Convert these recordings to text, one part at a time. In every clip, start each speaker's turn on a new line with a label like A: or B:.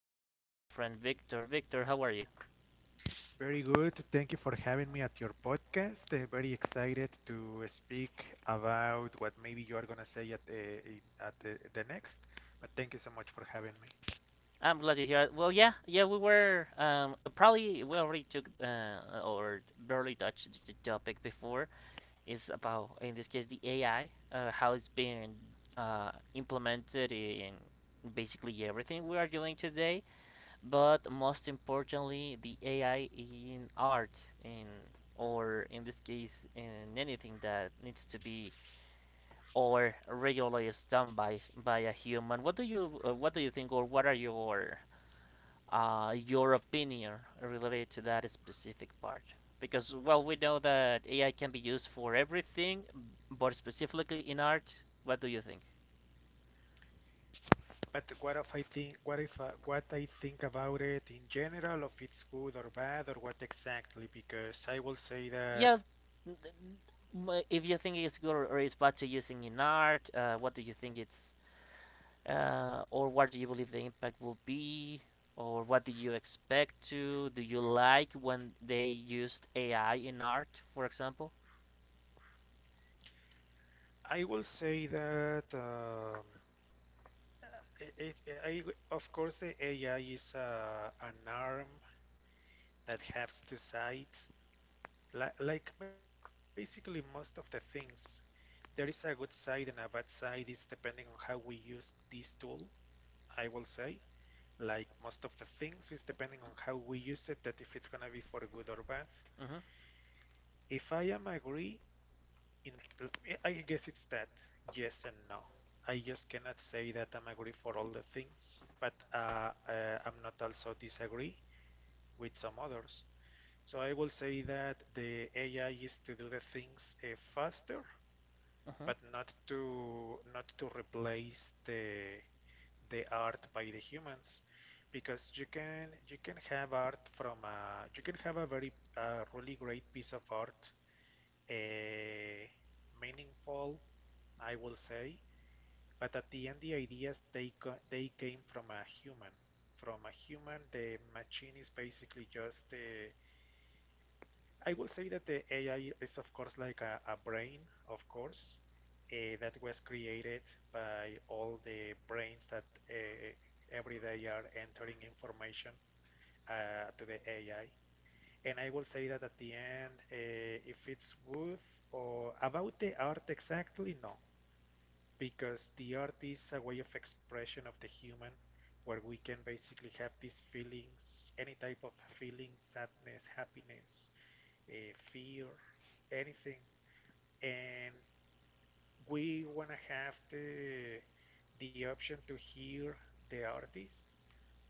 A: here with my friend Victor. Victor, how are you?
B: Very good. Thank you for having me at your podcast. Very excited to speak about what maybe you are gonna say at the the next. But thank you so much for having me.
A: I'm glad to hear it. Well, yeah, yeah, we were probably we already took or barely touched the topic before. It's about in this case the AI, how it's been implemented in basically everything we are doing today, but most importantly the AI in art in or in this case in anything that needs to be or regularly is done by a human. What do you think, or what are your opinion related to that specific part? Because well, we know that AI can be used for everything, but specifically in art, what do you think?
B: But what if I think what if what I think about it in general, if it's good or bad or what exactly? Because I will say that
A: Yeah, if you think it's good or it's bad to using in art, what do you think it's or what do you believe the impact will be or what do you expect to do you like when they used ai in art for example.
B: I will say that it, it, I, of course the AI is an arm that has two sides. Like basically most of the things, there is a good side and a bad side, is depending on how we use this tool, I will say. Like most of the things is depending on how we use it, that if it's gonna be for good or bad.
A: mm-hmm,
B: If I am agree in, I guess it's that. Yes and no. I just cannot say that I'm agree for all the things, but I'm not also disagree with some others. So I will say that the AI is to do the things faster,
A: mm-hmm,
B: but not to replace the art by the humans, because you can have art from a, you can have a very really great piece of art, uh, meaningful, I will say. But at the end, the ideas, they came from a human. From a human, the machine is basically just I will say that the AI is, of course, like a brain, of course, that was created by all the brains that every day are entering information to the AI. And I will say that at the end, if it's worth or about the art exactly, no, because the art is a way of expression of the human, where we can basically have these feelings, any type of feeling: sadness, happiness, fear, anything. And we want to have the option to hear the artist,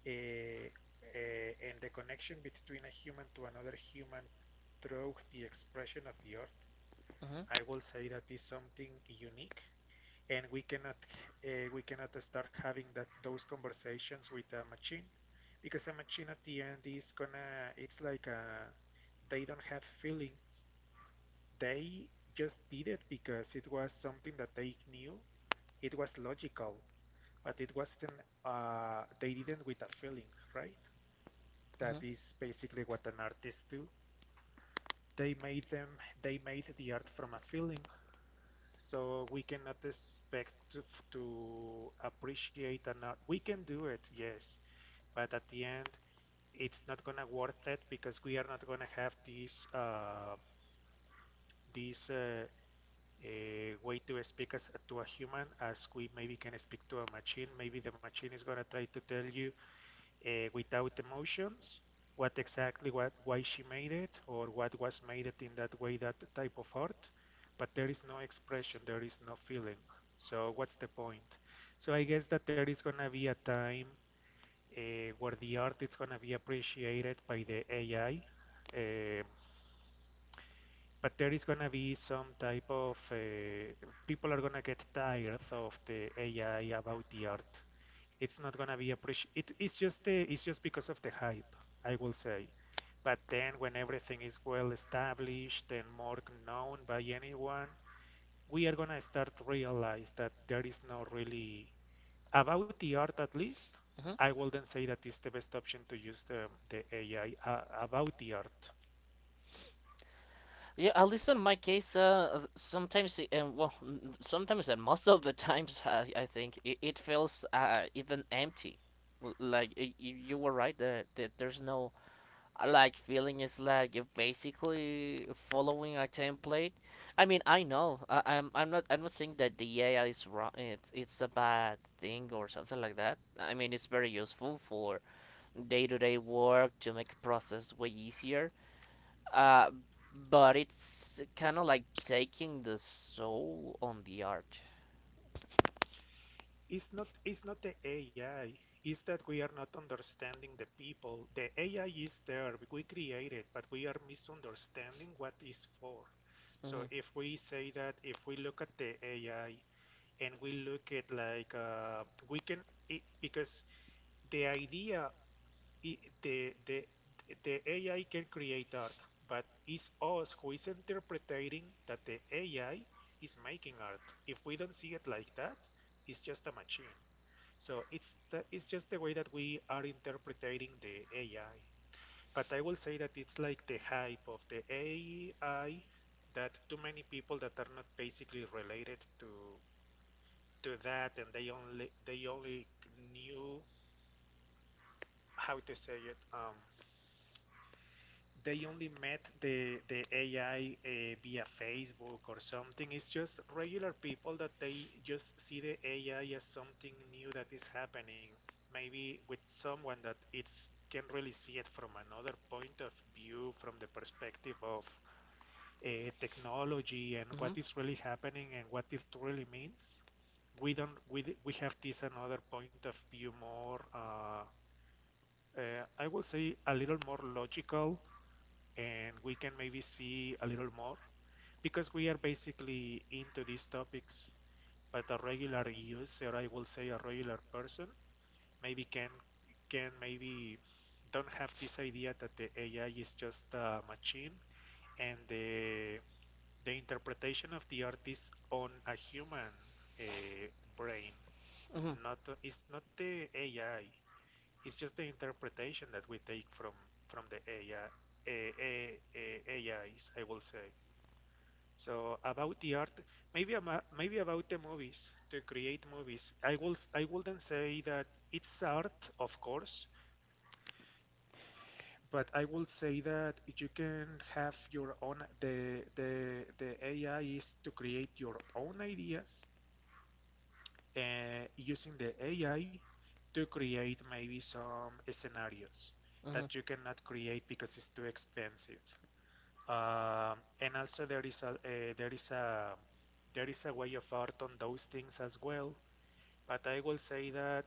B: and the connection between a human to another human through the expression of the art.
A: mm-hmm,
B: I will say that is something unique, and we cannot start having that, those conversations with a machine, because a machine at the end is gonna, it's like a, they don't have feelings. They just did it because it was something that they knew. It was logical, but it wasn't. They didn't with a feeling, right?
A: mm-hmm.
B: That is basically what an artist do. They made them. They made the art from a feeling. So we cannot expect to appreciate an art. We can do it, yes, but at the end, it's not gonna worth it because we are not gonna have this this uh, a way to speak as to a human as we maybe can speak to a machine. Maybe the machine is gonna try to tell you, without emotions, what exactly what why she made it or what was made it in that way, that type of art, but there is no expression, there is no feeling, so what's the point? So I guess that there is going to be a time where the art is going to be appreciated by the AI, um, but there is gonna be some type of people are gonna get tired of the AI about the art. It's not gonna be appreciated. It, it's just it's just because of the hype, I will say. But then when everything is well established and more known by anyone, we are gonna start to realize that there is no really about the art, at least.
A: Mm-hmm.
B: I wouldn't say that is the best option to use the AI about the art.
A: Yeah, at least in my case, th- sometimes, it- and well, n- sometimes and most of the times, I think it feels even empty. You were right that, that there's no I like feeling is like basically following a template. I mean, I know I'm not saying that the AI is wrong. It's a bad thing or something like that. I mean, it's very useful for day to day work to make process way easier. Uh, but it's kind of like taking the soul on the art.
B: It's not it's not the AI. It's that we are not understanding the people. The AI is there. We create it, but we are misunderstanding what it's for. So
A: hmm
B: if we say that, if we look at the AI and we look at like, we can it, because the idea, I the the the AI can create art, but it's us who is interpreting that the AI is making art. If we don't see it like that, it's just a machine. So it's the, it's just the way that we are interpreting the AI. But I will say that it's like the hype of the AI, that too many people that are not basically related to that, and they only, they only knew how to say it. They only met the AI via Facebook or something. It's just regular people that they just see the AI as something new that is happening. Maybe with someone that it's can really see it from another point of view, from the perspective of technology and what
A: hmm
B: is really happening and what it really means. We don't we have this another point of view more. I will say a little more logical, and we can maybe see a little more because we are basically into these topics. But a regular user, I will say a regular person, maybe can maybe don't have this idea that the AI is just a machine, and the interpretation of the art is on a human, uh, brain,
A: hmm
B: not, it's not the AI, it's just the interpretation that we take from the AI. Ais I A I, A Is, I will say. So about the art, maybe maybe about the movies, to create movies. I will, I wouldn't say that it's art, of course, but I will say that you can have your own, the AI is to create your own ideas using the AI to create maybe some scenarios
A: hmm
B: that you cannot create because it's too expensive. And also there is a there is a way of art on those things as well. But I will say that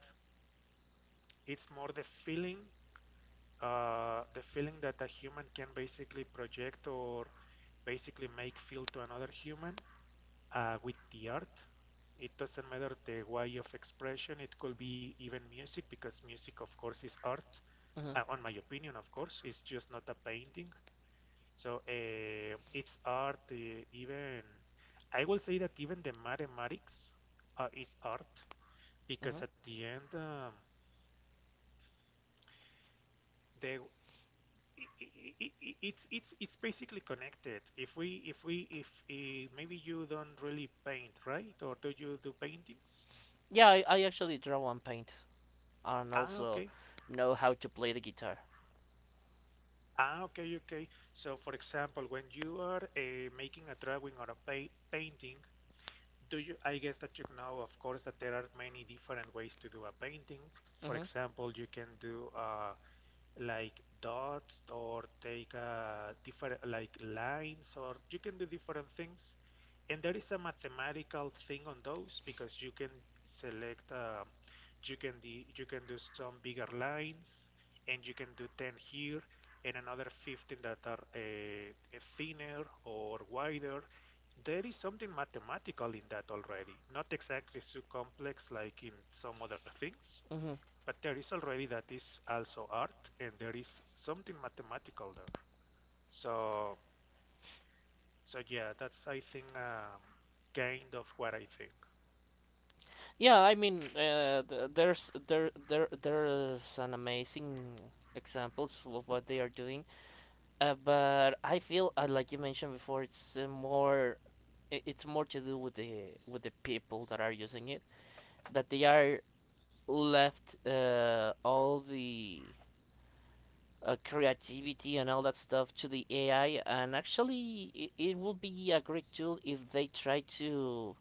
B: it's more the feeling that a human can basically project, or basically make feel to another human with the art. It doesn't matter the way of expression. It could be even music, because music, of course, is art.
A: Mhm.
B: On my opinion, of course, it's just not a painting. So it's art. Even, I will say that even the mathematics is art,
A: Mhm.
B: because at the end, they, it's it's basically connected. If we, if maybe you don't really paint, right? Or do you do paintings?
A: Yeah, I actually draw and paint, and
B: Ah,
A: also
B: okay.
A: know how to play the guitar.
B: Ah, okay, okay. So, for example, when you are making a drawing or a pa painting, do you I guess that you know, of course, that there are many different ways to do a painting. For
A: Mhm.
B: example, you can do like dots, or take different like lines, or you can do different things, and there is a mathematical thing on those, because you can select, you can you can do some bigger lines, and you can do 10 here and another 15 that are thinner or wider. There is something mathematical in that already, not exactly so complex like in some other things,
A: Mhm.
B: but there is already, that is also art, and there is something mathematical there. So, so yeah, that's, I think, kind of what I think.
A: Yeah, I mean, there's there's an amazing examples of what they are doing. But I feel like you mentioned before, it's more it's more to do with the people that are using it, that they are left all the creativity and all that stuff to the AI. And actually, it would be a great tool if they try to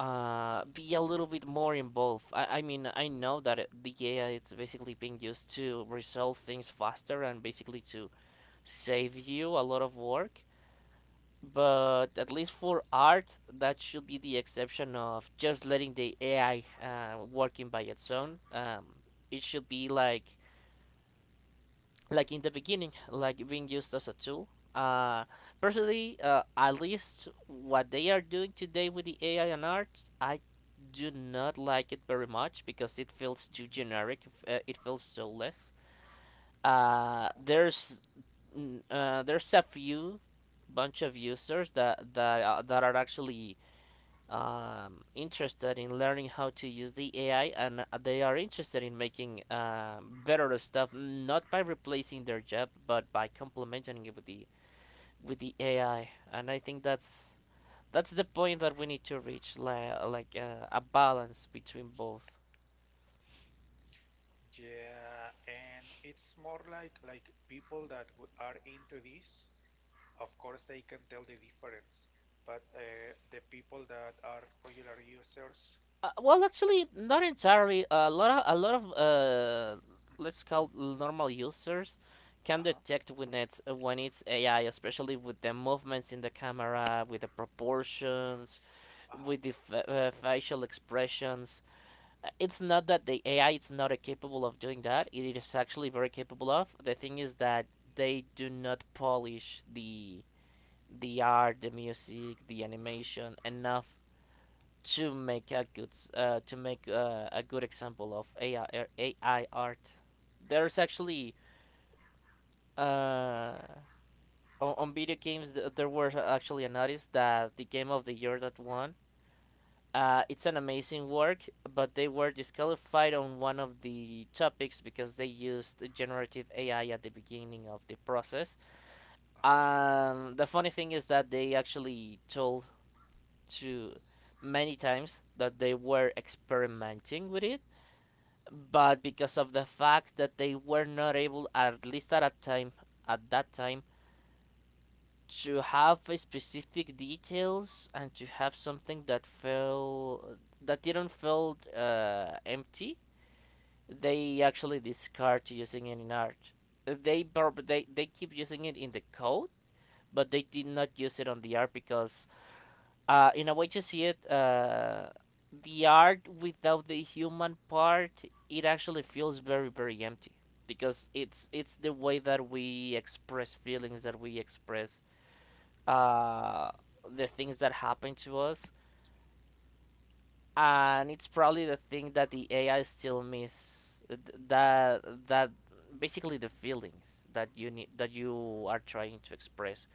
A: be a little bit more involved. I mean, I know that the AI is basically being used to resolve things faster and basically to save you a lot of work. But at least for art, that should be the exception of just letting the AI working by its own. It should be like in the beginning, like being used as a tool. Uh, personally, at least what they are doing today with the AI and art, I do not like it very much because it feels too generic. It feels so less. Uh, there's there's a few bunch of users that are actually interested in learning how to use the AI and they are interested in making better stuff, not by replacing their job, but by complementing it with the AI. And I think that's the point that we need to reach, like a balance between both.
B: Yeah, and it's more like people that are into this, of course they can tell the difference. But the people that are regular users,
A: Well, actually, not entirely. A lot of let's call it normal users can
B: uh-huh,
A: detect when it's AI, especially with the movements in the camera, with the proportions, with the facial expressions. It's not that the AI is not capable of doing that. It is actually very capable of. The thing is that they do not polish the art, the music, the animation enough to make a good to make a good example of AI, AI art. There's actually uh, on video games there were actually an artist that the game of the year that won. It's an amazing work, but they were disqualified on one of the topics because they used generative AI at the beginning of the process.
B: uh-huh.
A: The funny thing is that they actually told to many times that they were experimenting with it but because of the fact that they were not able, at least at that time, at that time, to have specific details and to have something that felt that didn't feel empty, they actually discard using it in art. They prob- They keep using it in the code, but they did not use it on the art because in a way to see it, the art without the human part, it actually feels very very empty because it's the way that we express feelings that we express uh, the things that happen to us, and it's probably the thing that the AI still miss that that basically the feelings that you need that you are trying to express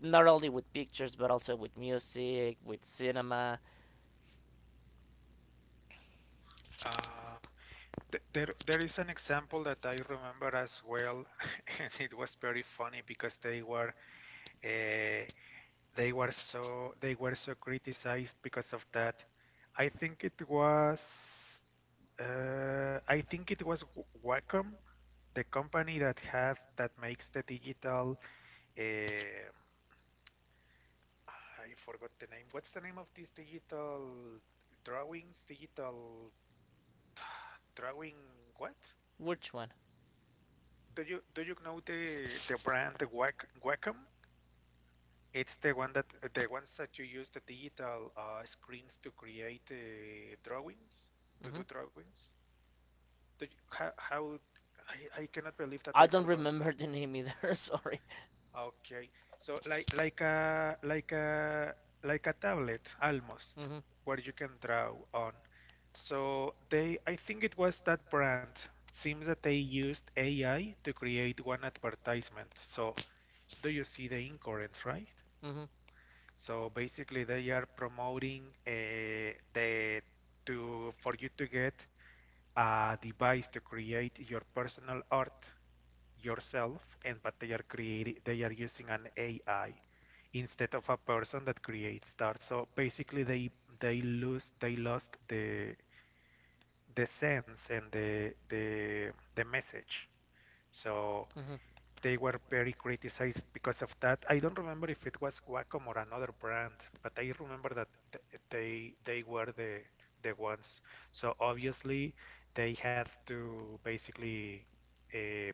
A: not only with pictures but also with music with cinema.
B: Uh, th there there is an example that I remember as well, and it was very funny because they were uh, they were so criticized because of that. I think it was, I think it was Wacom, the company that has that makes the digital. um I forgot the name. What's the name of these digital drawings? Digital drawing what?
A: Which one?
B: Do you know the brand Wacom? It's the one that the ones that you use the digital screens to create drawings, to
A: Hmm.
B: do drawings. Do you, how, I cannot believe that
A: I
B: I
A: don't
B: forgot.
A: remember the name either. Sorry.
B: Okay, so like, like a tablet almost,
A: Mhm.
B: where you can draw on. So they, I think it was that brand. Seems that they used AI to create one advertisement. So do you see the incoherence, right?
A: Mhm.
B: So basically, they are promoting the, to for you to get a device to create your personal art yourself, and but they are creating, they are using an AI instead of a person that creates art. So basically, they lose they lost the sense and the the message. So
A: Mhm.
B: they were very criticized because of that. I don't remember if it was Wacom or another brand, but I remember that they were the ones. So obviously they had to basically uh,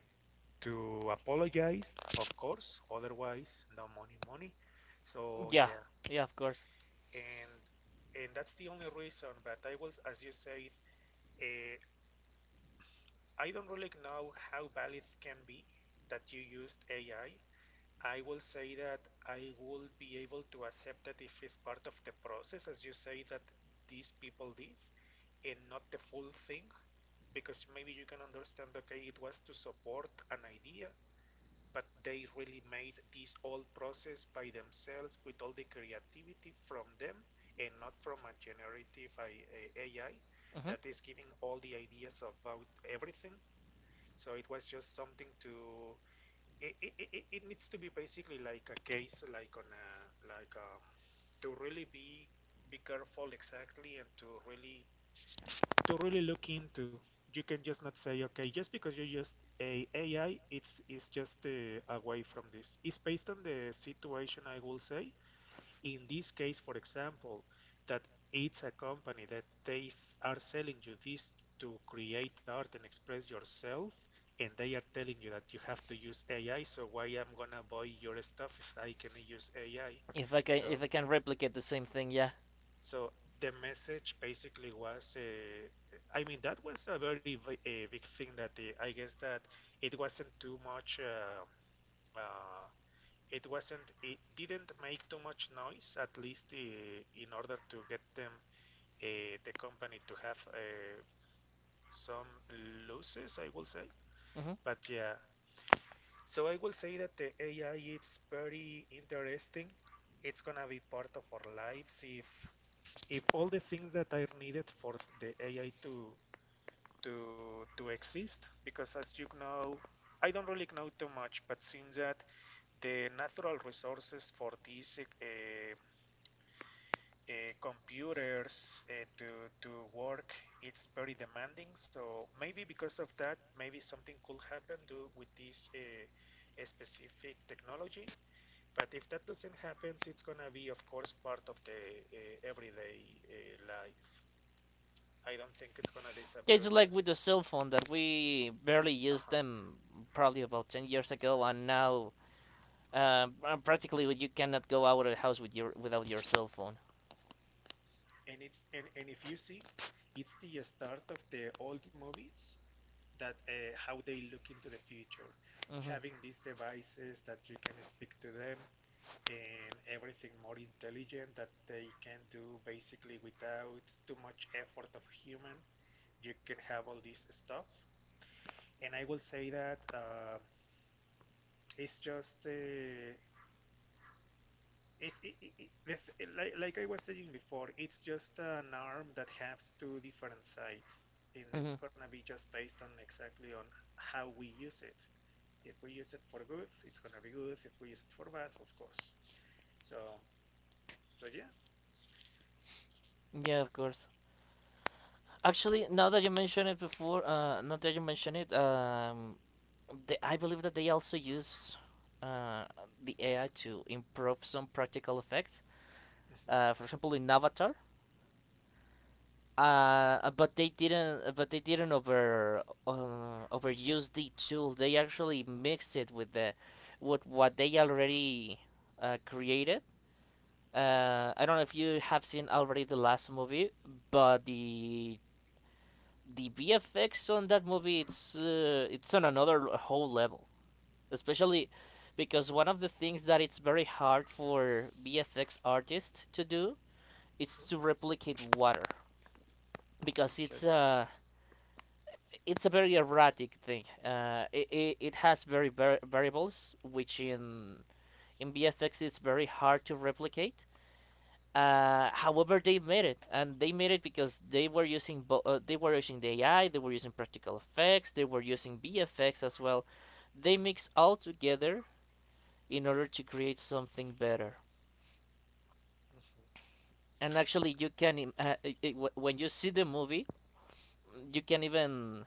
B: to apologize, of course. Otherwise, no money, money. So
A: Yeah.
B: yeah,
A: Yeah. Of course.
B: and and that's the only reason. But I was, as you said, uh, I don't really know how valid can be that you used AI. I will say that I will be able to accept that if it's part of the process, as you say that these people did, and not the full thing, because maybe you can understand. Okay, it was to support an idea, but they really made this whole process by themselves with all the creativity from them, and not from a generative AI
A: Mhm.
B: that is giving all the ideas about everything. So it was just something to it needs to be basically like a case like on a like to really be careful exactly and to really look into. You can just not say okay just because you used a AI, it's just away from this. It's based on the situation, I will say. In this case, for example, that it's a company that they are selling you this to create art and express yourself, and they are telling you that you have to use AI, so why I'm gonna buy your stuff if I can use AI? So,
A: If I can replicate the same thing, yeah.
B: so the message basically was, I mean, that was a very big thing that I guess that it wasn't too much. Uh, it wasn't it didn't make too much noise, at least in order to get them, the company, to have some losses, I will say.
A: Mhm.
B: But yeah, so I will say that the AI is very interesting. It's gonna be part of our lives if all the things that are needed for the AI to to exist, because as you know, I don't really know too much, but seems that the natural resources for this computers to work, it's very demanding. So maybe because of that, maybe something could happen to with this specific technology. But if that doesn't happen, it's gonna be, of course, part of the everyday life. I don't think it's gonna
A: Yeah,
B: disappear
A: it's like with the
B: just.
A: cell phone that we barely used
B: Uh-huh.
A: them probably about 10 years ago, and now practically you cannot go out of the house with your without your cell phone.
B: And it's and if you see, it's the start of the old movies that how they look into the future,
A: Mm-hmm.
B: having these devices that you can speak to them and everything more intelligent that they can do basically without too much effort of a human. You can have all this stuff, and I will say that it's just it, it, it, it- the like I was saying before, it's just an arm that has two different sides, and
A: Mm-hmm.
B: it's gonna be just based on exactly on how we use it. If we use it for good, it's gonna be good. If we use it for bad, of course. So, so yeah.
A: Yeah, of course. Actually, now that you mention it before, now that you mention it, they, I believe that they also use uh, the AI to improve some practical effects.
B: Mhm,
A: For example, in Avatar. But they didn't. But they didn't overuse the tool. They actually mixed it with the with what they already created.
B: mhm,
A: I don't know if you have seen already the last movie, but the VFX on that movie it's on another whole level, especially because one of the things that it's very hard for VFX artists to do is to
B: mhm.
A: replicate water because
B: Okay.
A: it's a very erratic thing. It has very variables, which in BFX is very hard to replicate. However, they made it, and they made it because they were using they were using the AI, they were using practical effects, they were using BFX as well. They
B: Mhm,
A: mix all together in order to create something better.
B: mhm.
A: And actually, you can when you see the movie, you can even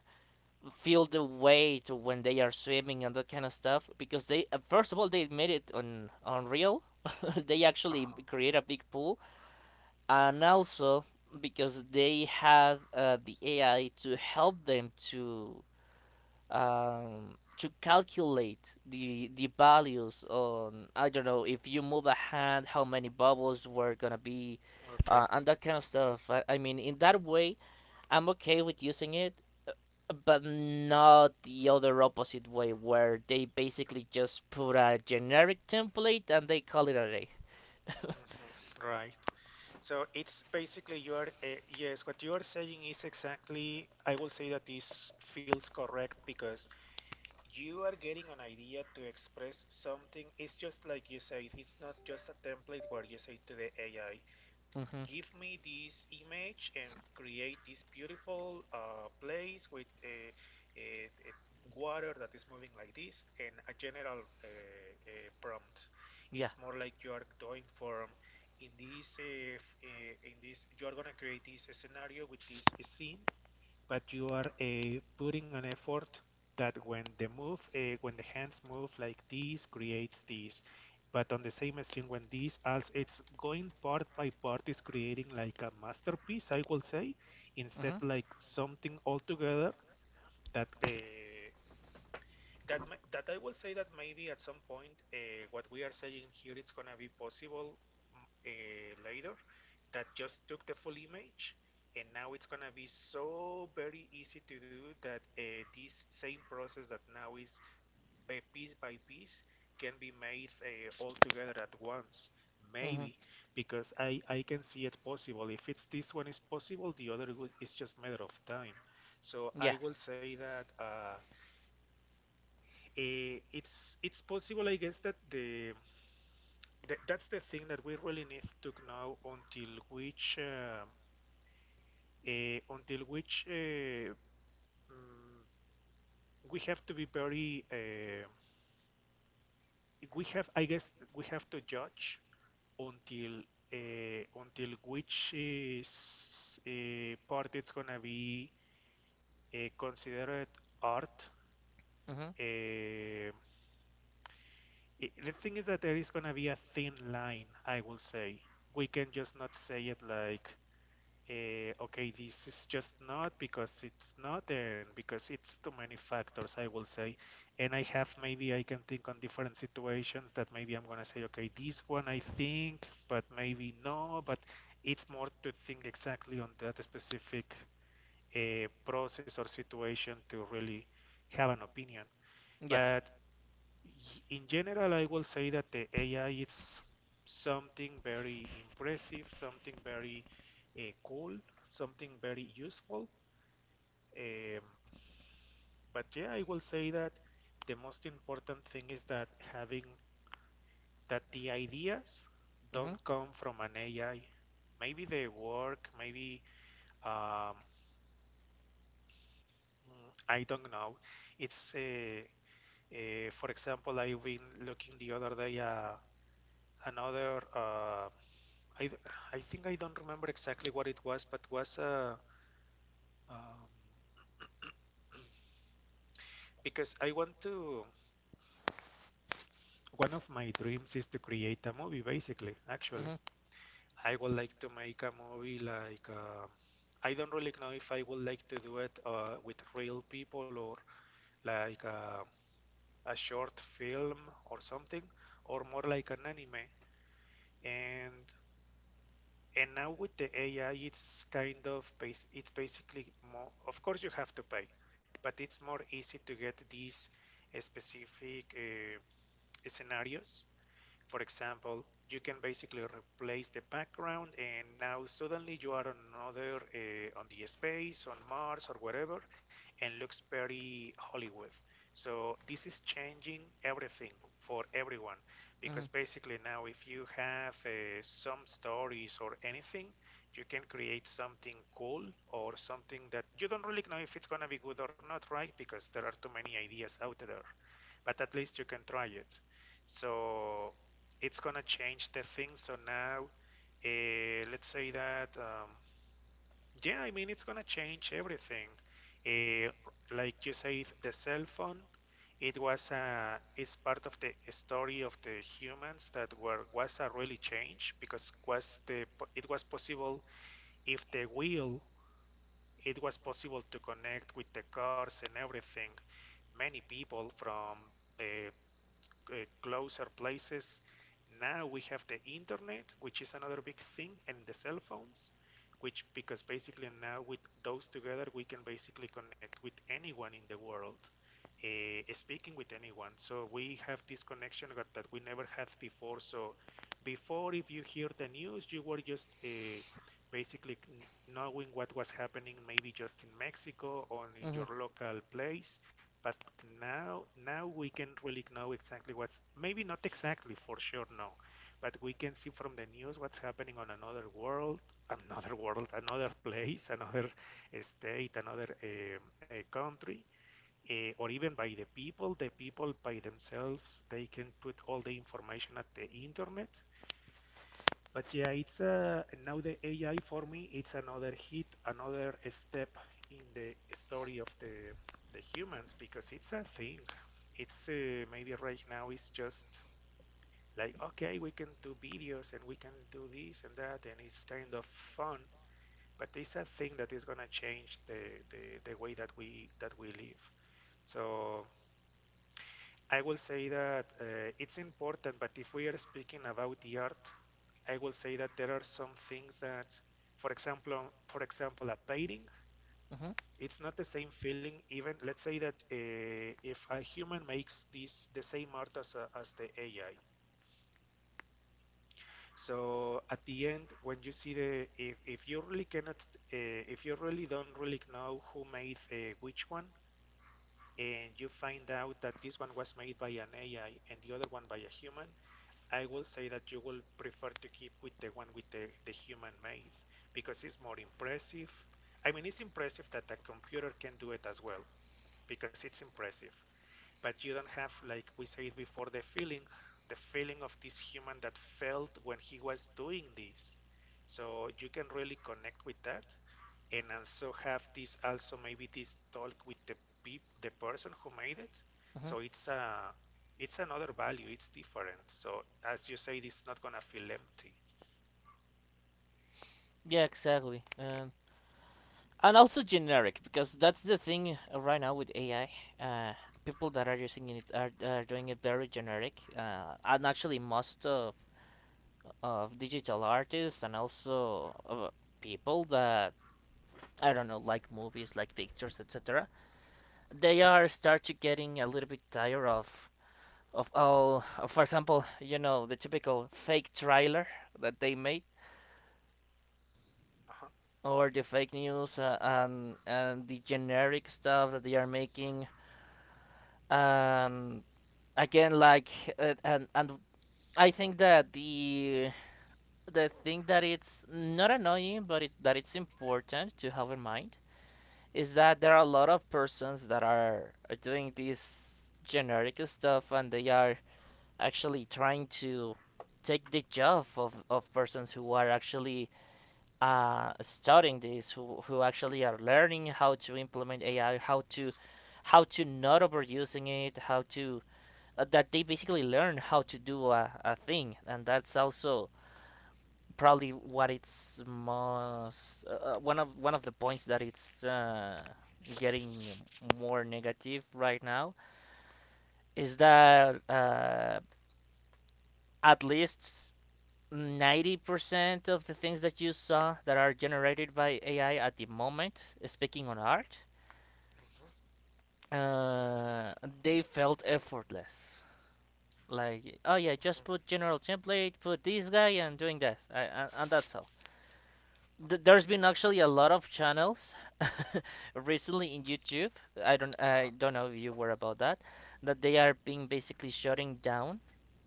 A: feel the weight when they are swimming and that kind of stuff because they first of all they made it on real. They actually
B: Uh-huh.
A: create a big pool and also because they have the AI to help them to calculate the values on, I don't know, if you move a hand how many bubbles were gonna be,
B: Okay.
A: and that kind of stuff. I mean in that way I'm okay with using it but not the other opposite way where they basically just put a generic template and they call it a day.
B: Mhm. Right. So it's basically you are yes, what you are saying is exactly. I will say that this feels correct because you are getting an idea to express something. It's just like you say. It's not just a template where you say to the AI,
A: Mhm.
B: give me this image and create this beautiful place with a water that is moving like this and a general prompt.
A: Yeah.
B: It's more like you are doing from in this uh, in this you are gonna create this scenario with this scene, but you are putting an effort that when the when the hands move like this, creates this. But on the same string, when this also it's going part by part, is creating like a masterpiece, I will say,
A: Mhm.
B: instead like something altogether that that that I will say that maybe at some point what we are saying here it's gonna be possible. Mm, later, that just took the full image and now it's gonna be so very easy to do that this same process that now is piece by piece can be made all together at once,
A: Mhm.
B: maybe, because I can see it possible. If it's this one is possible, the other is just matter of time. So I will
A: Yes.
B: say that eh, it's possible, I guess, that the that's the thing that we really need to know, until which until which mm, we have to be very we have, I guess we have to judge until until which is part it's gonna be considered art.
A: Mhm.
B: Uh, I the thing is that there is gonna be a thin line, I will say. We can just not say it like, okay, this is just not because it's not, and because it's too many factors, I will say. And I have maybe I can think on different situations that maybe I'm gonna say, okay, this one I think, but maybe no, but it's more to think exactly on that specific process or situation to really have an opinion.
A: Yeah.
B: But in general, I will say that the AI is something very impressive, something very cool, something very useful. Um, but yeah, I will say that the most important thing is that having that the ideas
A: Mhm.
B: don't come from an AI. Maybe the work, maybe um, I don't know. It's for example, I've been looking the other day another. I think I don't remember exactly what it was, but was um, because I want to. One of my dreams is to create a movie, basically. Actually,
A: Mhm.
B: I would like to make a movie like. I don't really know if I would like to do it with real people or like a short film or something, or more like an anime. And And now with the AI, it's it's basically more, of course, you have to pay, but it's more easy to get these specific scenarios. For example, you can basically replace the background and now suddenly you are on another on the space on Mars or wherever, and looks very Hollywood. So this is changing everything for everyone,
A: Mhm.
B: because basically now if you have some stories or anything, you can create something cool or something that you don't really know if it's going to be good or not, right, because there are too many ideas out there, but at least you can try it. So it's gonna change the thing. So now, let's say that, yeah, I mean, it's gonna change everything. Uh, like you said, the cell phone, it was a. it's part of the story of the humans that were was a really change, because was the it was possible if the will it was possible to connect with the cars and everything, many people from uh, closer places. Now we have the internet, which is another big thing, and the cell phones, which, because basically now with those together we can basically connect with anyone in the world, speaking with anyone. So we have this connection that we never had before. So before, if you hear the news, you were just basically knowing what was happening maybe just in Mexico or in your
A: Mhm.
B: local place, but now, now we can really know exactly what's, maybe not exactly for sure, no, but we can see from the news what's happening on another world, another world, another place, another state, another country, or even by the people. The people by themselves, they can put all the information at the internet. But yeah, it's a now the AI for me, it's another hit, another step in the story of the humans, because it's a thing. It's maybe right now it's just like okay, we can do videos and we can do this and that, and it's kind of fun. But it's a thing that is gonna change the the way that we live. So I will say that it's important, but if we are speaking about the art, I will say that there are some things that, for example, for example, a painting,
A: Mhm.
B: it's not the same feeling. Even let's say that if a human makes this the same art as as the AI, so at the end, when you see the if you really cannot, if you really don't really know who made which one, and you find out that this one was made by an AI and the other one by a human, I will say that you will prefer to keep with the one with the human made, because it's more impressive. I mean, it's impressive that a computer can do it as well because it's impressive, but you don't have, like we said before, the feeling, the feeling of this human that felt when he was doing this, so you can really connect with that and also have this, also maybe this talk with the peop the person who made it. So
A: Mhm.
B: it's another value, it's different, so as you say it's not gonna feel empty.
A: Yeah, exactly. And also generic because that's the thing right now with AI. Uh, people that are using it are doing it very generic. And actually, most of digital artists and also people that I don't know like movies, like pictures, etc. They are start to getting a little bit tired of all. For example, you know the typical fake trailer that they made
B: Uh-huh.
A: or the fake news and the generic stuff that they are making. And again, like and I think that the thing that it's not annoying, but it's that it's important to have in mind is that there are a lot of persons that are doing this generic stuff, and they are actually trying to take the job of persons who are actually studying this who actually are learning how to implement AI, how to not overusing it, how to that they basically learn how to do a thing, and that's also probably what it's most one of the points that it's getting more negative right now is that at least 90% of the things that you saw that are generated by AI at the moment, speaking on art,
B: Mm-hmm.
A: uh, they felt effortless. Like, oh yeah, just put
B: Mm-hmm.
A: general template, put this guy, and doing that, and that's all. There's been actually a lot of channels recently in YouTube. I
B: Uh-huh.
A: don't know if you were about that, that they are being basically shutting down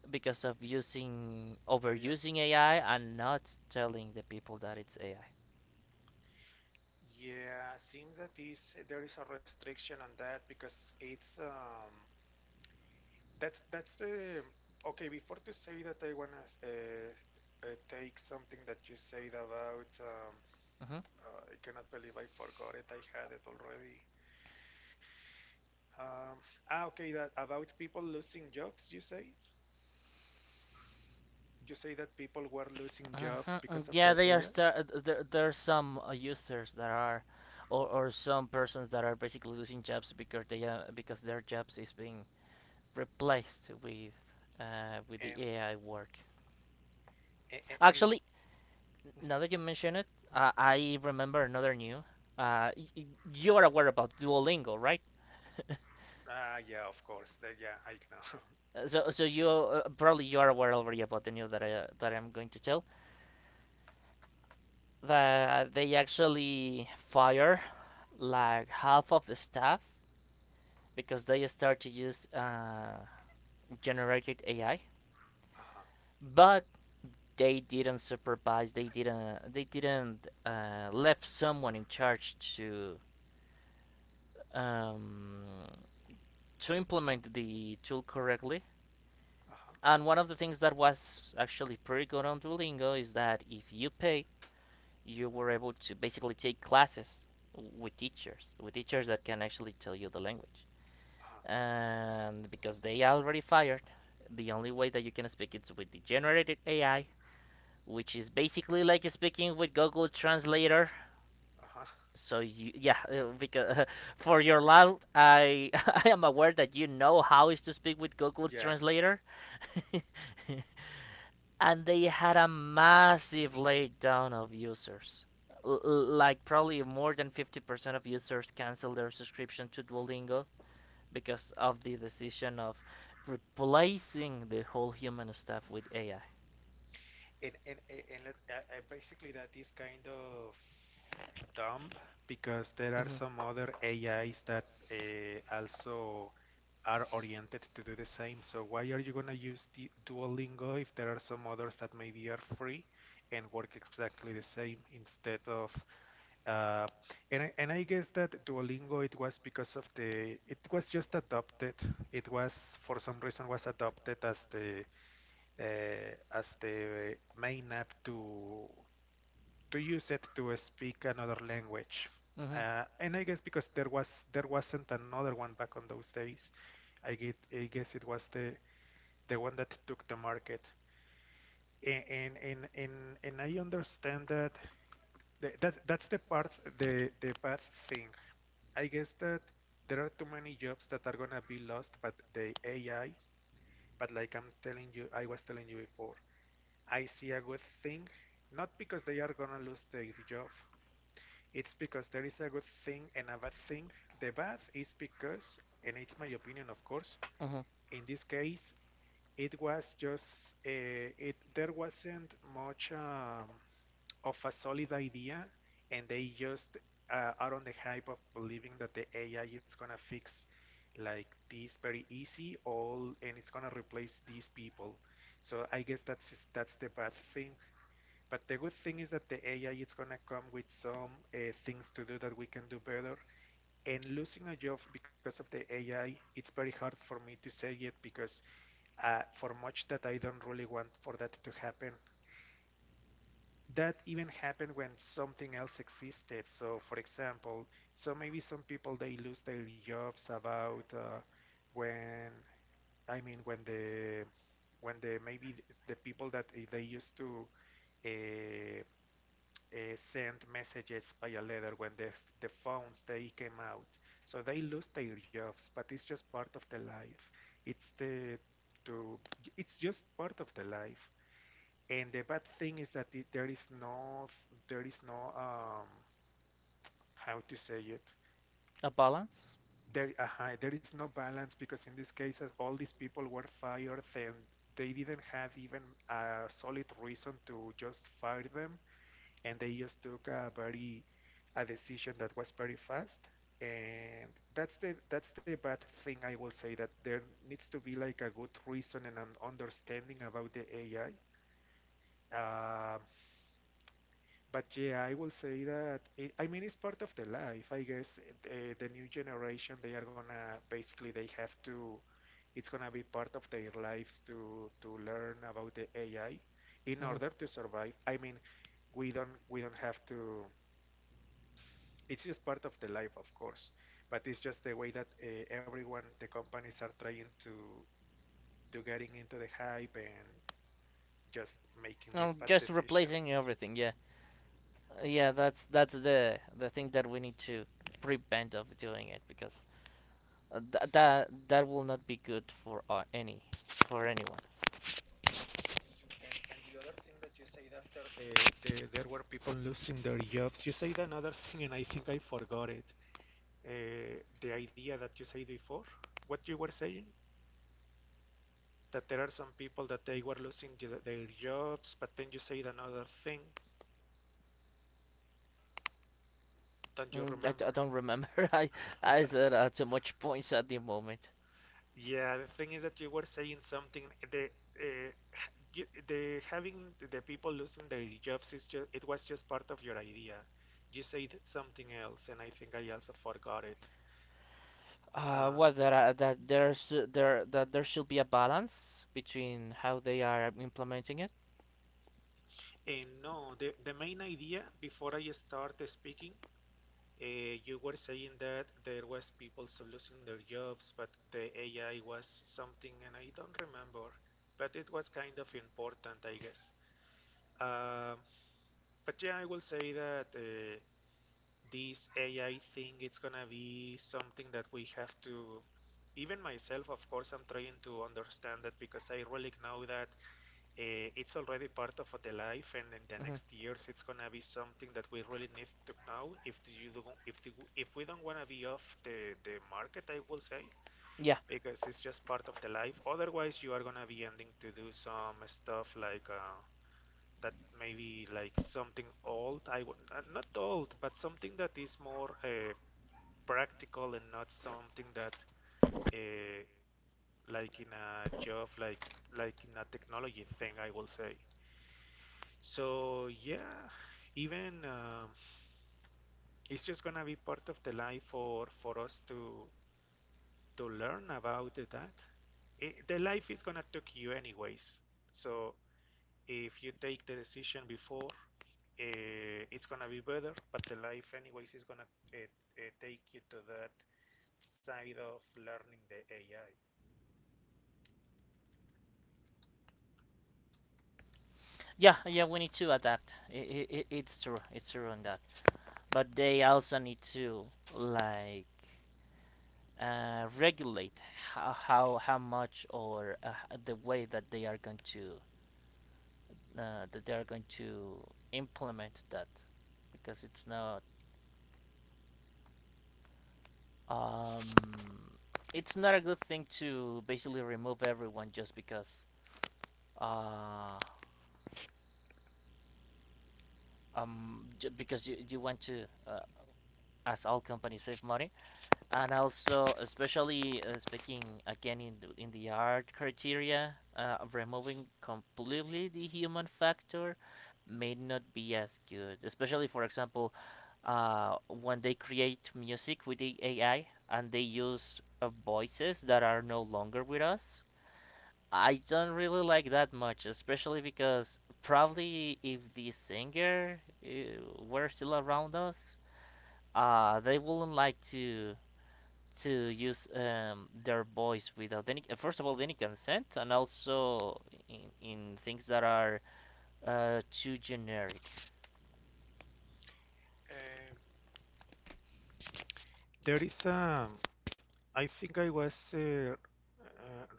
A: because of using
B: Yeah.
A: overusing AI and not telling the people that it's AI.
B: Yeah, seems that is there is a restriction on that because it's that's the okay. Before to say that, I wanna take something that you said about. I cannot believe I forgot it. I had it already. Um, ah, okay. That about people losing jobs. You say that people were losing jobs
A: Mm-hmm.
B: because of the
A: Yeah, they are
B: AI.
A: star- uh, there are some users that are or some persons that are basically losing jobs because they because their jobs is being replaced with the
B: and
A: AI work.
B: and, and let,
A: Actually, now that you mention it, I remember another new. Uh, y- y- you are aware about Duolingo, right?
B: ah yeah, of course. Yeah, I know.
A: So you probably you are aware already about the news that I'm going to tell that they actually fire like half of the staff because they start to use generated AI,
B: Uh-huh.
A: but they didn't supervise. They didn't left someone in charge um, to implement the tool correctly.
B: Uh-huh.
A: And one of the things that was actually pretty good on Duolingo is that if you pay, you were able to basically take classes with teachers that can actually tell you the language.
B: Uh-huh.
A: And because they are already fired, the only way that you can speak is with the generated AI, which is basically like speaking with Google Translator.
B: Uh-huh.
A: So you yeah because for your loud I I am aware that you know how is to speak with Google
B: Yeah,
A: Translator. and they had a massive laydown of users. Like probably more than 50% of users canceled their subscription to Duolingo because of the decision of replacing the whole human staff with AI.
B: basically that is kind of dumb because there are
A: Mhm.
B: some other AIs that also are oriented to do the same. So why are you gonna use the Duolingo if there are some others that maybe are free and work exactly the same instead of? uh, and I guess that Duolingo, it was because of the it was just adopted. It was, for some reason, was adopted as the main app to use it to speak another language.
A: Mhm.
B: And I guess because there wasn't another one back on those days. I get I guess it was the one that took the market. And and and and, and I understand that that's the part, the bad thing. I guess that there are too many jobs that are gonna be lost, but the AI. But like I'm telling you, I was telling you before, I see a good thing, not because they are gonna lose their job. It's because there is a good thing and a bad thing. The bad is because, and it's my opinion, of course,
A: Mhm.
B: in this case, it was just, it there wasn't much of a solid idea, and they just are on the hype of believing that the AI is gonna fix like this very easy all, and it's gonna replace these people. So I guess that's the bad thing. But the good thing is that the AI is gonna come with some things to do that we can do better. And losing a job because of the AI, it's very hard for me to say it because for much that I don't really want for that to happen. That even happened when something else existed. So, for example, so maybe some people they lose their jobs about when I mean when the when the maybe the people that they used to uh, send messages by a letter when the phones they came out. So they lose their jobs, but it's just part of the life. It's the to it's just part of the life. And the bad thing is that there is no, um, how to say it?
A: A balance.
B: There is no balance because in this case all these people were fired and they didn't have even a solid reason to just fire them, and they just took a decision that was very fast, and that's the bad thing. I will say that there needs to be like a good reason and an understanding about the AI. Um, but yeah, I will say that I mean it's part of the life. I guess the new generation, they are gonna basically, they have to, it's gonna be part of their lives to learn about the AI in
A: Mhm.
B: order to survive. I mean, we don't have to. It's just part of the life, of course, but it's just the way that everyone, the companies, are trying to getting into the hype and just making these
A: No,
B: bad
A: just replacing
B: decisions.
A: everything. Yeah. Yeah, that's the thing that we need to prevent of doing it because that that will not be good for any, for anyone.
B: And the other thing that you said after the there were people losing their jobs, you said another thing, and I think I forgot it. The idea that you said before, what you were saying, that there are some people that they were losing their jobs, but then you said another thing. Don't you remember?
A: I don't remember. I I said too much points at the moment.
B: Yeah, the thing is that you were saying something. Eh, The uh, you, the having the people losing their jobs is just, it was just part of your idea. You said something else, and I think I also forgot it. Uh,
A: What that that there's there that there should be a balance between how they are implementing it.
B: and no, the main idea before I start speaking, you were saying that there was people so losing their jobs, but the AI was something, and I don't remember, but it was kind of important, I guess. Um, but yeah, I will say that. This AI thing, it's gonna be something that we have to, even myself, of course, I'm trying to understand that because I really know that it's already part of the life, and in the
A: Hmm.
B: next years it's gonna be something that we really need to know. If you do, if the, If we don't wanna be off the market, I will say,
A: Yeah,
B: because it's just part of the life. Otherwise you are gonna be ending to do some stuff like that maybe like something old. I would not old, but something that is more practical and not something that uh, like in a job like in a technology thing, I will say. So yeah, even it's just gonna be part of the life for us to learn about that. The life is gonna take you anyways. So if you take the decision before, it's gonna be better. But the life anyways is gonna uh, take you to that side of learning the AI.
A: yeah, yeah. We need to adapt. I, it's true. It's true on that. But they also need to like regulate how much or the way that they are going to uh, that they are going to implement that, because it's not um it's not a good thing to basically remove everyone just because uh, because you want to, as all companies, save money. And also, especially speaking again in in the art criteria, removing completely the human factor may not be as good. Especially, for example, when they create music with the AI and they use voices that are no longer with us, I don't really like that much, especially because probably if the singer were still around us, they wouldn't like to use their voice without any first of all any consent, and also in things that are too generic.
B: Uh, there is a, I think I was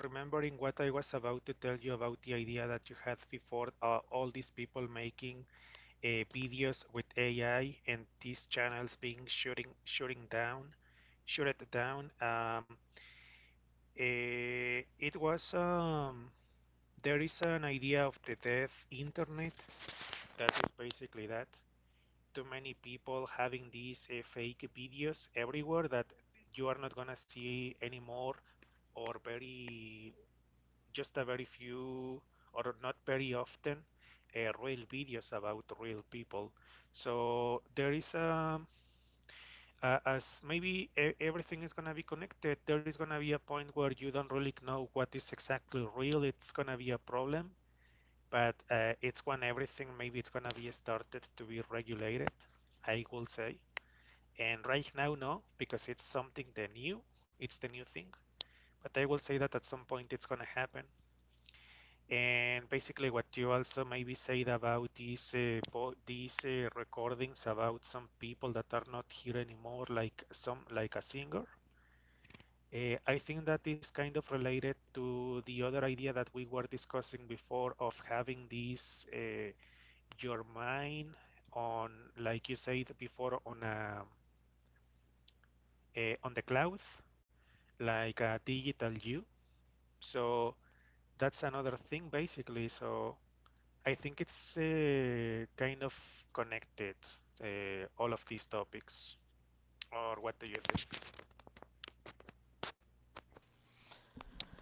B: remembering what I was about to tell you about the idea that you had before, all these people making videos with AI and these channels being shooting down, shut it down. It was there is an idea of the death internet that is basically that: too many people having these fake videos everywhere, that you are not gonna see anymore, or very just a very few, or not very often, real videos about real people. So there is a as maybe e- everything is gonna be connected, there is gonna be a point where you don't really know what is exactly real. It's gonna be a problem, but it's when everything maybe it's gonna be started to be regulated, I will say. And right now, no, because it's something the new, it's the new thing. But I will say that at some point it's gonna happen. And basically, what you also maybe said about these recordings about some people that are not here anymore, like some like a singer. I think that is kind of related to the other idea that we were discussing before of having this your mind on, like you said before, on on the cloud, like a digital you. So that's another thing basically. So I think it's kind of connected, all of these topics. Or what do you think?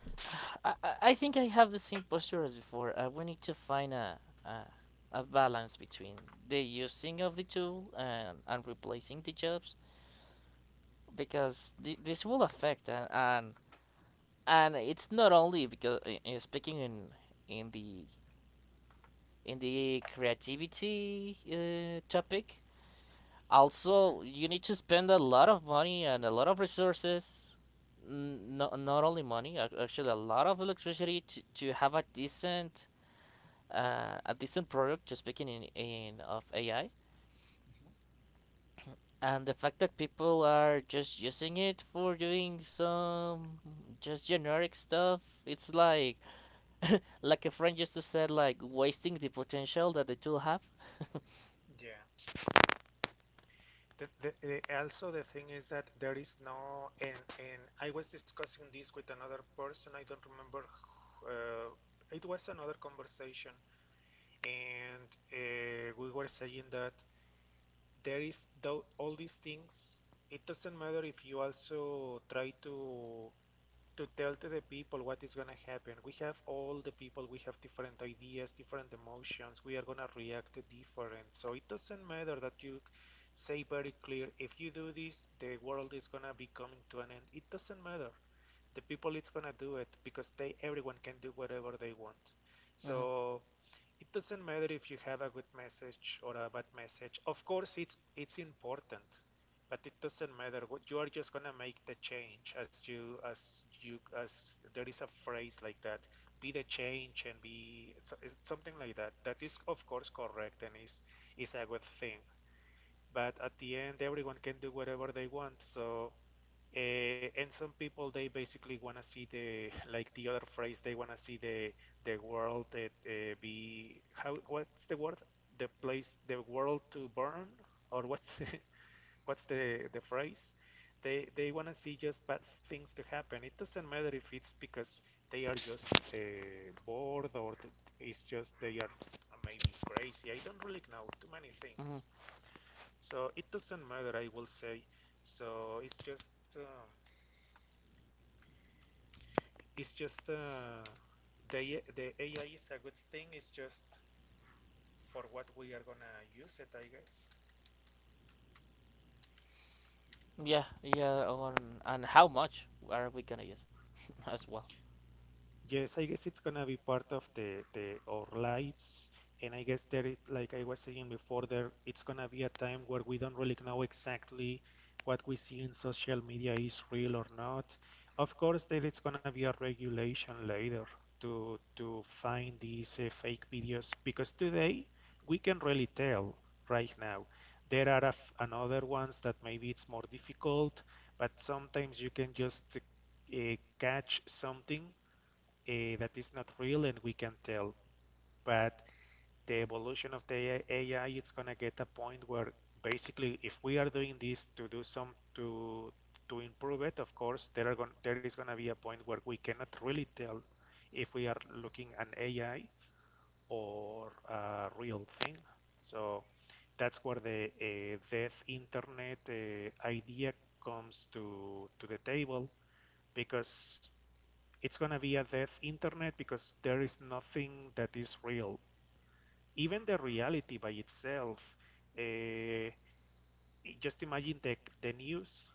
A: I think I have the same posture as before. We need to find a balance between the using of the tool and replacing the jobs, because this will affect, and it's not only because speaking in in the in the creativity topic. Also, you need to spend a lot of money and a lot of resources. Not only money, actually a lot of electricity to have a decent product, just speaking in of AI. And the fact that people are just using it for doing some just generic stuff, it's like like a friend used to say, like wasting the potential that the tool have.
B: Yeah. The, the, also, the thing is that there is no, and I was discussing this with another person. I don't remember Uh, it was another conversation, and we were saying that all these things, it doesn't matter if you also try to tell to the people what is going to happen. We have all the people, we have different ideas, different emotions, we are going to react different, so it doesn't matter that you say very clear, if you do this the world is going to be coming to an end, it doesn't matter, the people it's going to do it because they, everyone can do whatever they want.
A: Hmm.
B: So it doesn't matter if you have a good message or a bad message. Of course, it's important, but it doesn't matter. What you are just gonna make the change as you, as you as there is a phrase like that. Be the change and be, so, eh, something like that. That is of course correct and is a good thing. But at the end, everyone can do whatever they want. And some people, they basically want to see the, like, the other phrase. They want to see the world that, be how, what's the word, the place, the world to burn, or what's the, what's the phrase. They want to see just bad things to happen. It doesn't matter if it's because they are just uh, bored, or it's just they are maybe crazy. I don't really know too many things.
A: Hmm.
B: So it doesn't matter, I will say. So it's just um, it's just the AI is a good thing. It's just for what we are gonna use it, I guess.
A: Yeah, yeah, on, and how much are we gonna use, as well.
B: Yes, I guess it's gonna be part of the our lives, and I guess there is, like I was saying before, there it's gonna be a time where we don't really know exactly what we see in social media is real or not. Of course, there is gonna be a regulation later to find these fake videos, because today we can really tell right now. There are a f- another ones that maybe it's more difficult, but sometimes you can just uh, catch something that is not real, and we can tell. But the evolution of the AI, it's gonna get a point where basically, if we are doing this to do some to improve it, of course, there are going there is gonna be a point where we cannot really tell if we are looking at AI or a real thing. So that's where the deaf internet idea comes to the table, because it's gonna be a dead internet because there is nothing that is real. Even the reality by itself, uh, just imagine the news.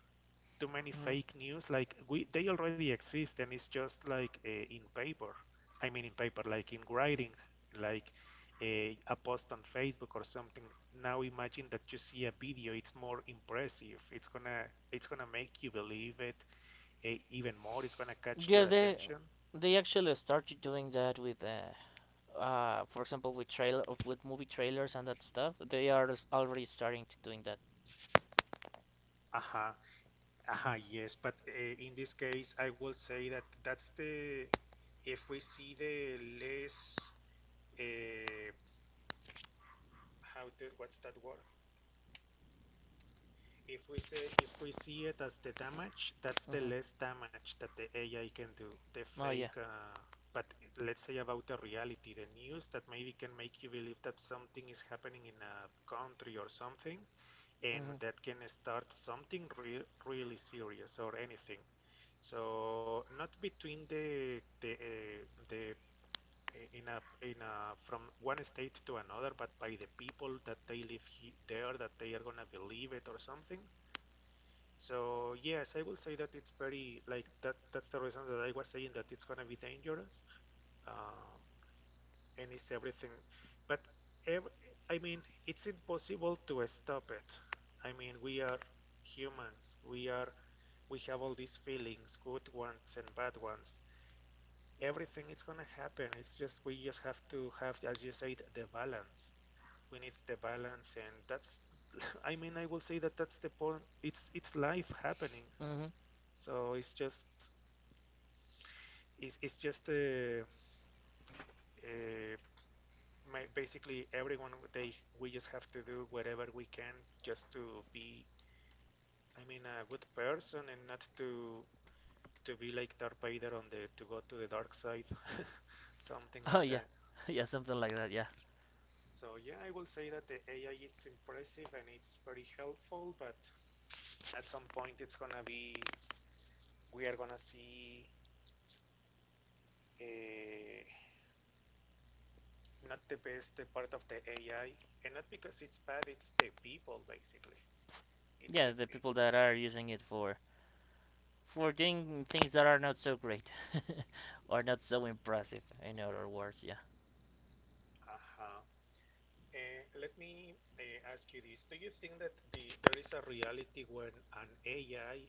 B: Too many
A: Hmm.
B: fake news, like we they already exist, and it's just like in paper. I mean, in paper, like in writing, like a post on Facebook or something. Now imagine that you see a video. It's more impressive. It's gonna make you believe it, even more. It's gonna catch your
A: Yeah,
B: attention.
A: they actually started doing that with for example with trailer of with movie trailers and that stuff. They are already starting to doing that.
B: Uh-huh. Yes, but in this case, I will say that that's the, if we see the less, uh, how to, what's that word? If we say, if we see it as the damage, that's the
A: Mhm.
B: less damage that the AI can do. The
A: Oh yeah.
B: fake, but let's say about the reality, the news that maybe can make you believe that something is happening in a country or something, and
A: Mhm.
B: that can start something real, really serious or anything. So not between the in a from one state to another, but by the people that they live he there, that they are gonna believe it or something. So yes, I will say that it's very like that. That's the reason that I was saying that it's gonna be dangerous, um, and it's everything. But ev I mean, it's impossible to stop it. I mean, we are humans. We are we have all these feelings, good ones and bad ones. Everything is gonna happen. It's just, we just have to have, as you said, the balance. We need the balance, and that's. I mean, I will say that that's the point. It's life happening.
A: Mhm.
B: So it's just it's just uh, basically everyone they we just have to do whatever we can just to be, I mean, a good person, and not to to be like Darth Vader on the, to go to the dark side, something
A: Oh
B: like
A: yeah.
B: that.
A: Yeah, something like that. Yeah.
B: So yeah, I will say that the AI, it's impressive and it's very helpful, but at some point it's gonna be, we are gonna see uh, not the best part of the AI. And not because it's bad, it's the people, basically. It's
A: Yeah,
B: the
A: the people
B: people.
A: that are using it for doing things that are not so great or not so impressive. In other words, yeah.
B: Uh-huh. And let me ask you this. Do you think that the there is a reality when an AI,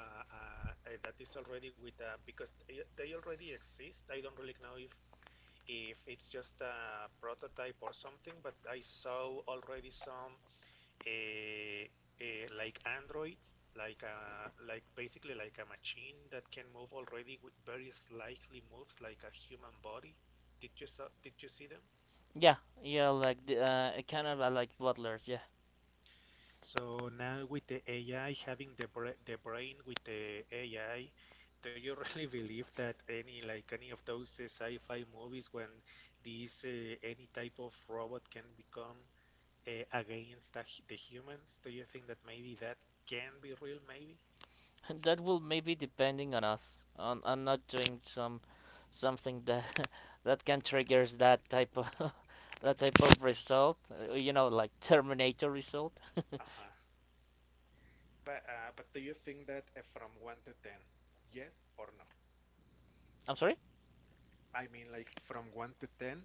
B: that is already with, because they already exist. I don't really know if it's just a prototype or something, but I saw already some uh, like androids, like a, like basically like a machine that can move already with very slightly moves like a human body. Did you see them?
A: Yeah. Yeah, like the kind of like butlers. Yeah.
B: So now with the AI having the brain with the AI, do you really believe that any, like any of those sci-fi movies, when these any type of robot can become against the humans? Do you think that maybe that can be real? Maybe.
A: that will maybe depending on us, on not doing some something that that can triggers that type of that type of result, you know, like Terminator result.
B: Uh-huh. But do you think that, from one to ten, yes or no?
A: I'm sorry.
B: I mean, like from one to ten,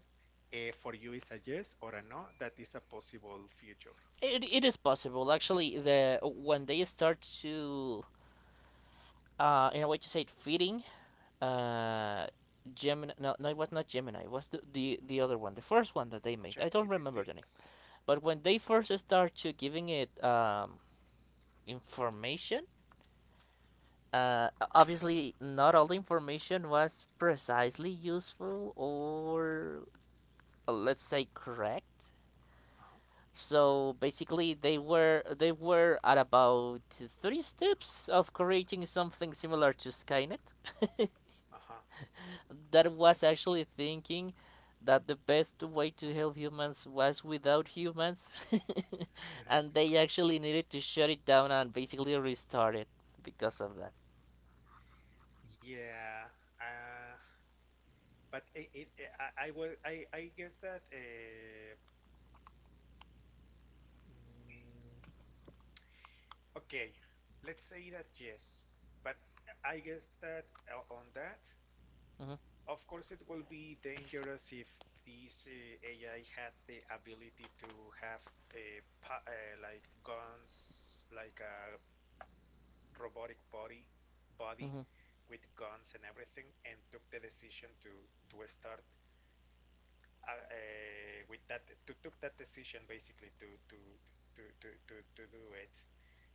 B: for you, is a yes or a no? That is a possible future.
A: It is possible actually, the when they start to in a way to say it feeding uh Gemini. No, no, it was not Gemini, it was the other one, the first one that they made. I don't remember
B: ChatGPT.
A: the name. But when they first start to giving it information. Obviously, not all the information was precisely useful or let's say correct. So basically, they were at about three steps of creating something similar to Skynet,
B: Uh-huh.
A: that was actually thinking that the best way to help humans was without humans, and they actually needed to shut it down and basically restart it because of that.
B: Yeah. Uh, but it, it, I will. I guess that. Mm, okay. Let's say that yes. But I guess that on that,
A: Hmm.
B: of course, it will be dangerous if this AI had the ability to have like guns, like a robotic body
A: Hmm.
B: with guns and everything, and took the decision to start, with that, to took that decision basically to do it.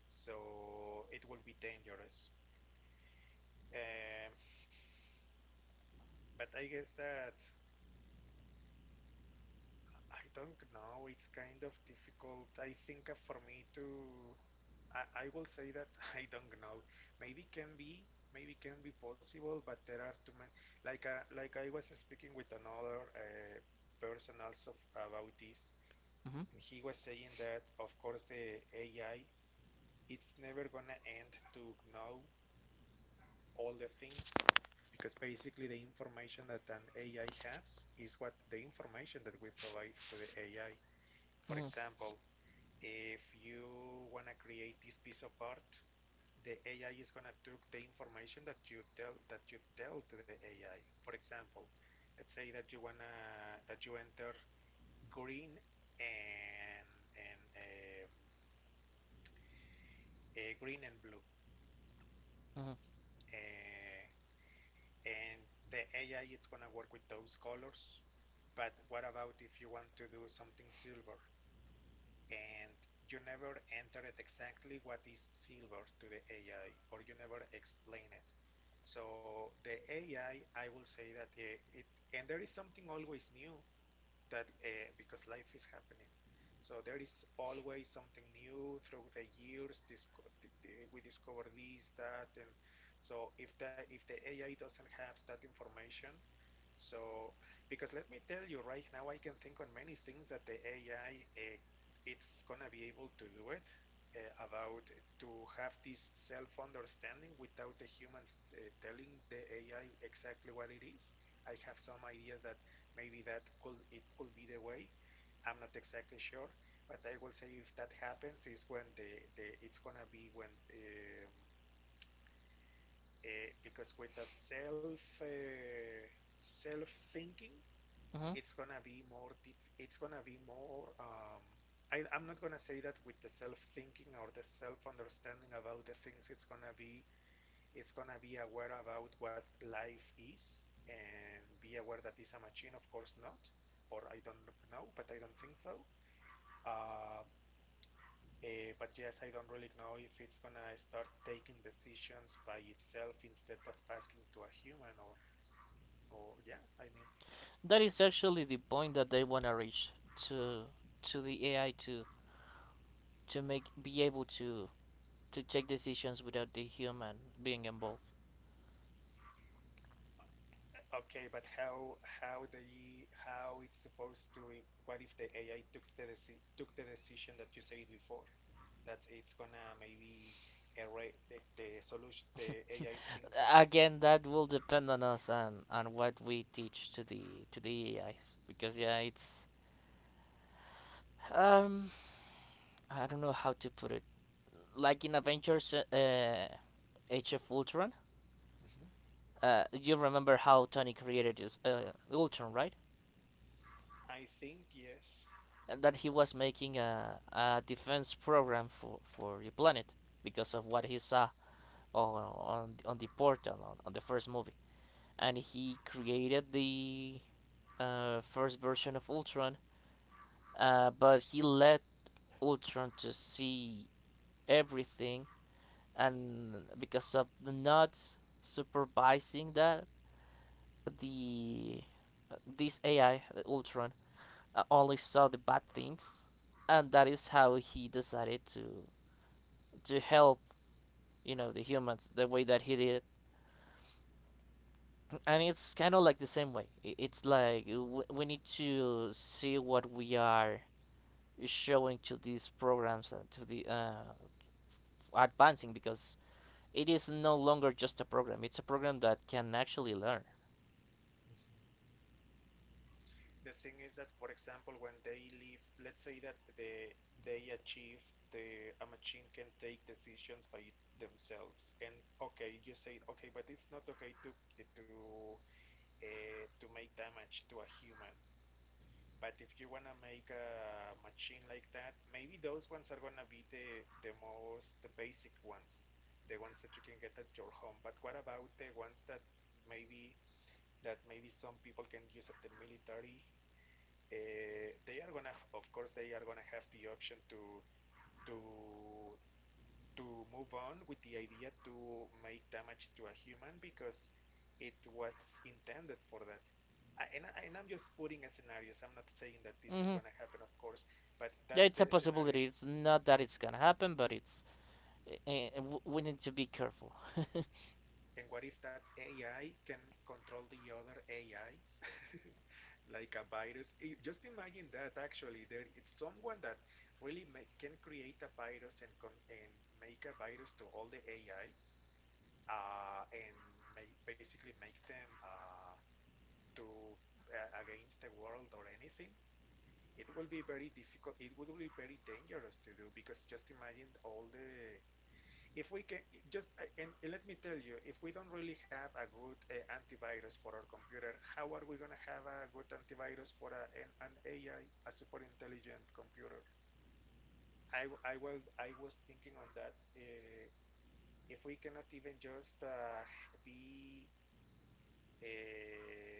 B: So it will be dangerous. Um, but I guess that I don't know. It's kind of difficult. I think for me to, I will say that I don't know. Maybe can be, maybe can be possible, but there are too many. Like I was speaking with another person also about this,
A: Hmm.
B: and he was saying that, of course, the AI, it's never gonna end to know all the things, because basically the information that an AI has is what the information that we provide to the AI. For
A: Hmm.
B: example, if you wanna create this piece of art, the AI is gonna take the information that you tell to the AI. For example, let's say that you wanna that you enter green and and green and blue.
A: Hmm.
B: Uh, and the AI is going to work with those colors. But what about if you want to do something silver, and you never entered exactly what is silver to the AI, or you never explain it? So the AI, I will say that it and there is something always new that because life is happening. So there is always something new through the years. Disco We discover this, that, and so if that if the AI doesn't have that information, so, because let me tell you, right now I can think on many things that the AI, it's gonna be able to do it, about to have this self-understanding without the humans telling the AI exactly what it is. I have some ideas that maybe that could it could be the way. I'm not exactly sure, but I will say if that happens is when the it's gonna be when, um, because with the self self thinking,
A: Mhm.
B: it's gonna be more it's gonna be more, I'm not gonna say that with the self thinking or the self understanding about the things it's gonna be, it's gonna be aware about what life is, and be aware that it's a machine. Of course not, or I don't know, but I don't think so. uh, but yes, I don't really know if it's gonna start taking decisions by itself instead of asking to a human, or yeah, I mean.
A: That is actually the point that they want to reach, to to the AI to make be able to take decisions without the human being involved.
B: Okay, but how they how it's supposed to what if the AI took took the decision that you said before, that it's gonna maybe erase the solution the AI thinks that.
A: Again, that will depend on us and on what we teach to the AIs because yeah, it's um I don't know how to put it. Like in Avengers, Age of Ultron.
B: Mhm.
A: You remember how Tony created his Ultron, right?
B: I think yes.
A: And that he was making a defense program for the planet because of
B: Okay.
A: what he saw on the portal on the first movie, and he created the first version of Ultron, but he let Ultron to see everything, and because of not supervising that, the this AI Ultron only saw the bad things, and that is how he decided to help, you know, the humans the way that he did. And it's kind of like the same way, it's like we need to see what we are showing to these programs and to the advancing, because it is no longer just a program, it's a program that can actually learn.
B: The thing is that, for example, when they leave, let's say that the they achieve the, a machine can take decisions by themselves. And okay, you say okay, but it's not okay to to make damage to a human. But if you wanna make a machine like that, maybe those ones are gonna be the most the basic ones, the ones that you can get at your home. But what about the ones maybe that maybe some people can use at the military? They are gonna, of course, they are gonna have the option to to move on with the idea to make damage to a human, because it was intended for that. And, and I'm just putting a scenarios. I'm not saying that this is
A: Mm-hmm.
B: going to happen, of course, but
A: Yeah,
B: that's
A: it's
B: the
A: a
B: scenario.
A: possibility. It's not that it's gonna happen, but it's we need to be careful.
B: And what if that AI can control the other AIs like a virus? Just imagine that actually there it's someone that really make, can create a virus, and make a virus to all the AIs, and make, basically make them, do, against the world or anything. It will be very difficult. It would be very dangerous to do, because just imagine all the. If we can just, and let me tell you, if we don't really have a good antivirus for our computer, how are we gonna have a good antivirus for an AI, a super intelligent computer? I will I was thinking on that. If we cannot even just be uh,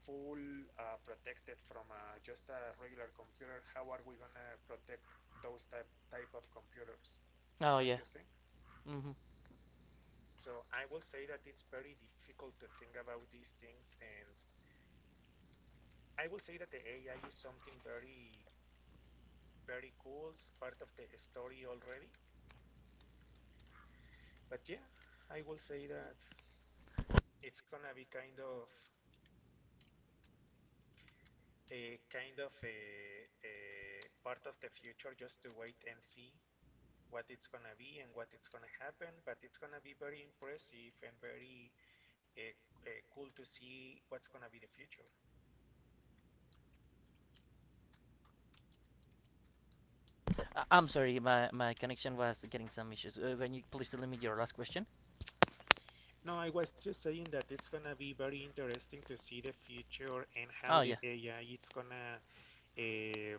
B: full protected from, just a regular computer, how are we gonna protect those type of computers?
A: Oh
B: Don't
A: yeah.
B: you think?
A: Mm-hmm.
B: So I will say that it's very difficult to think about these things, and I will say that the AI is something very, very cool. It's part of the story already. But yeah, I will say that it's gonna be kind of a kind of a part of the future, just to wait and see what it's gonna be and what it's gonna happen. But it's gonna be very impressive and very, uh, cool to see what's gonna be the future.
A: I'm sorry, my connection was getting some issues. Uh, can you please tell me your last question?
B: No, I was just saying that it's gonna be very interesting to see the future and how
A: Oh
B: the
A: yeah.
B: AI, it's gonna, uh,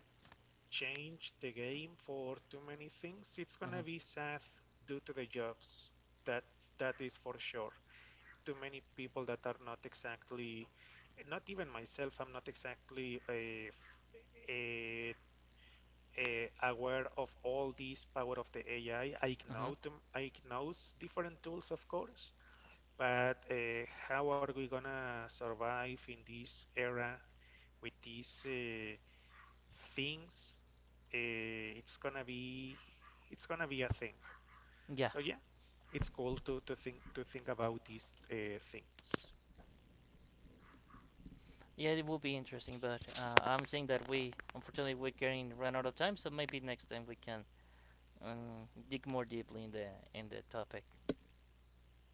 B: change the game for too many things. It's
A: Mm-hmm.
B: gonna be sad due to the jobs. That that is for sure. Too many people that are not exactly, not even myself. I'm not exactly a aware of all this power of the AI. I
A: Hmm.
B: know them, I know different tools, of course, but how are we gonna survive in this era with these things? Uh, it's gonna be it's gonna be a thing.
A: Yeah,
B: So yeah, it's cool to think, about these things.
A: yeah, it will be interesting, but I'm saying that we, unfortunately, we're getting run out of time, so maybe next time we can dig more deeply in the topic.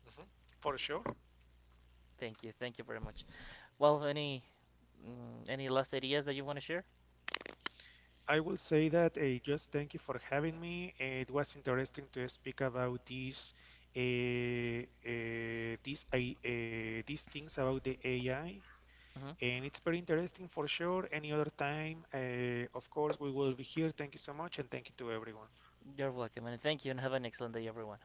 B: Mhm. For sure.
A: Thank you very much. Well, any any last ideas that you want to share?
B: I will say that, just thank you for having me. Eh, it was interesting to speak about these I these things about the AI,
A: Hmm.
B: and it's very interesting, for sure. Any other time, of course, we will be here. Thank you so much, and thank you to everyone.
A: You're welcome, and thank you, and have an excellent day, everyone.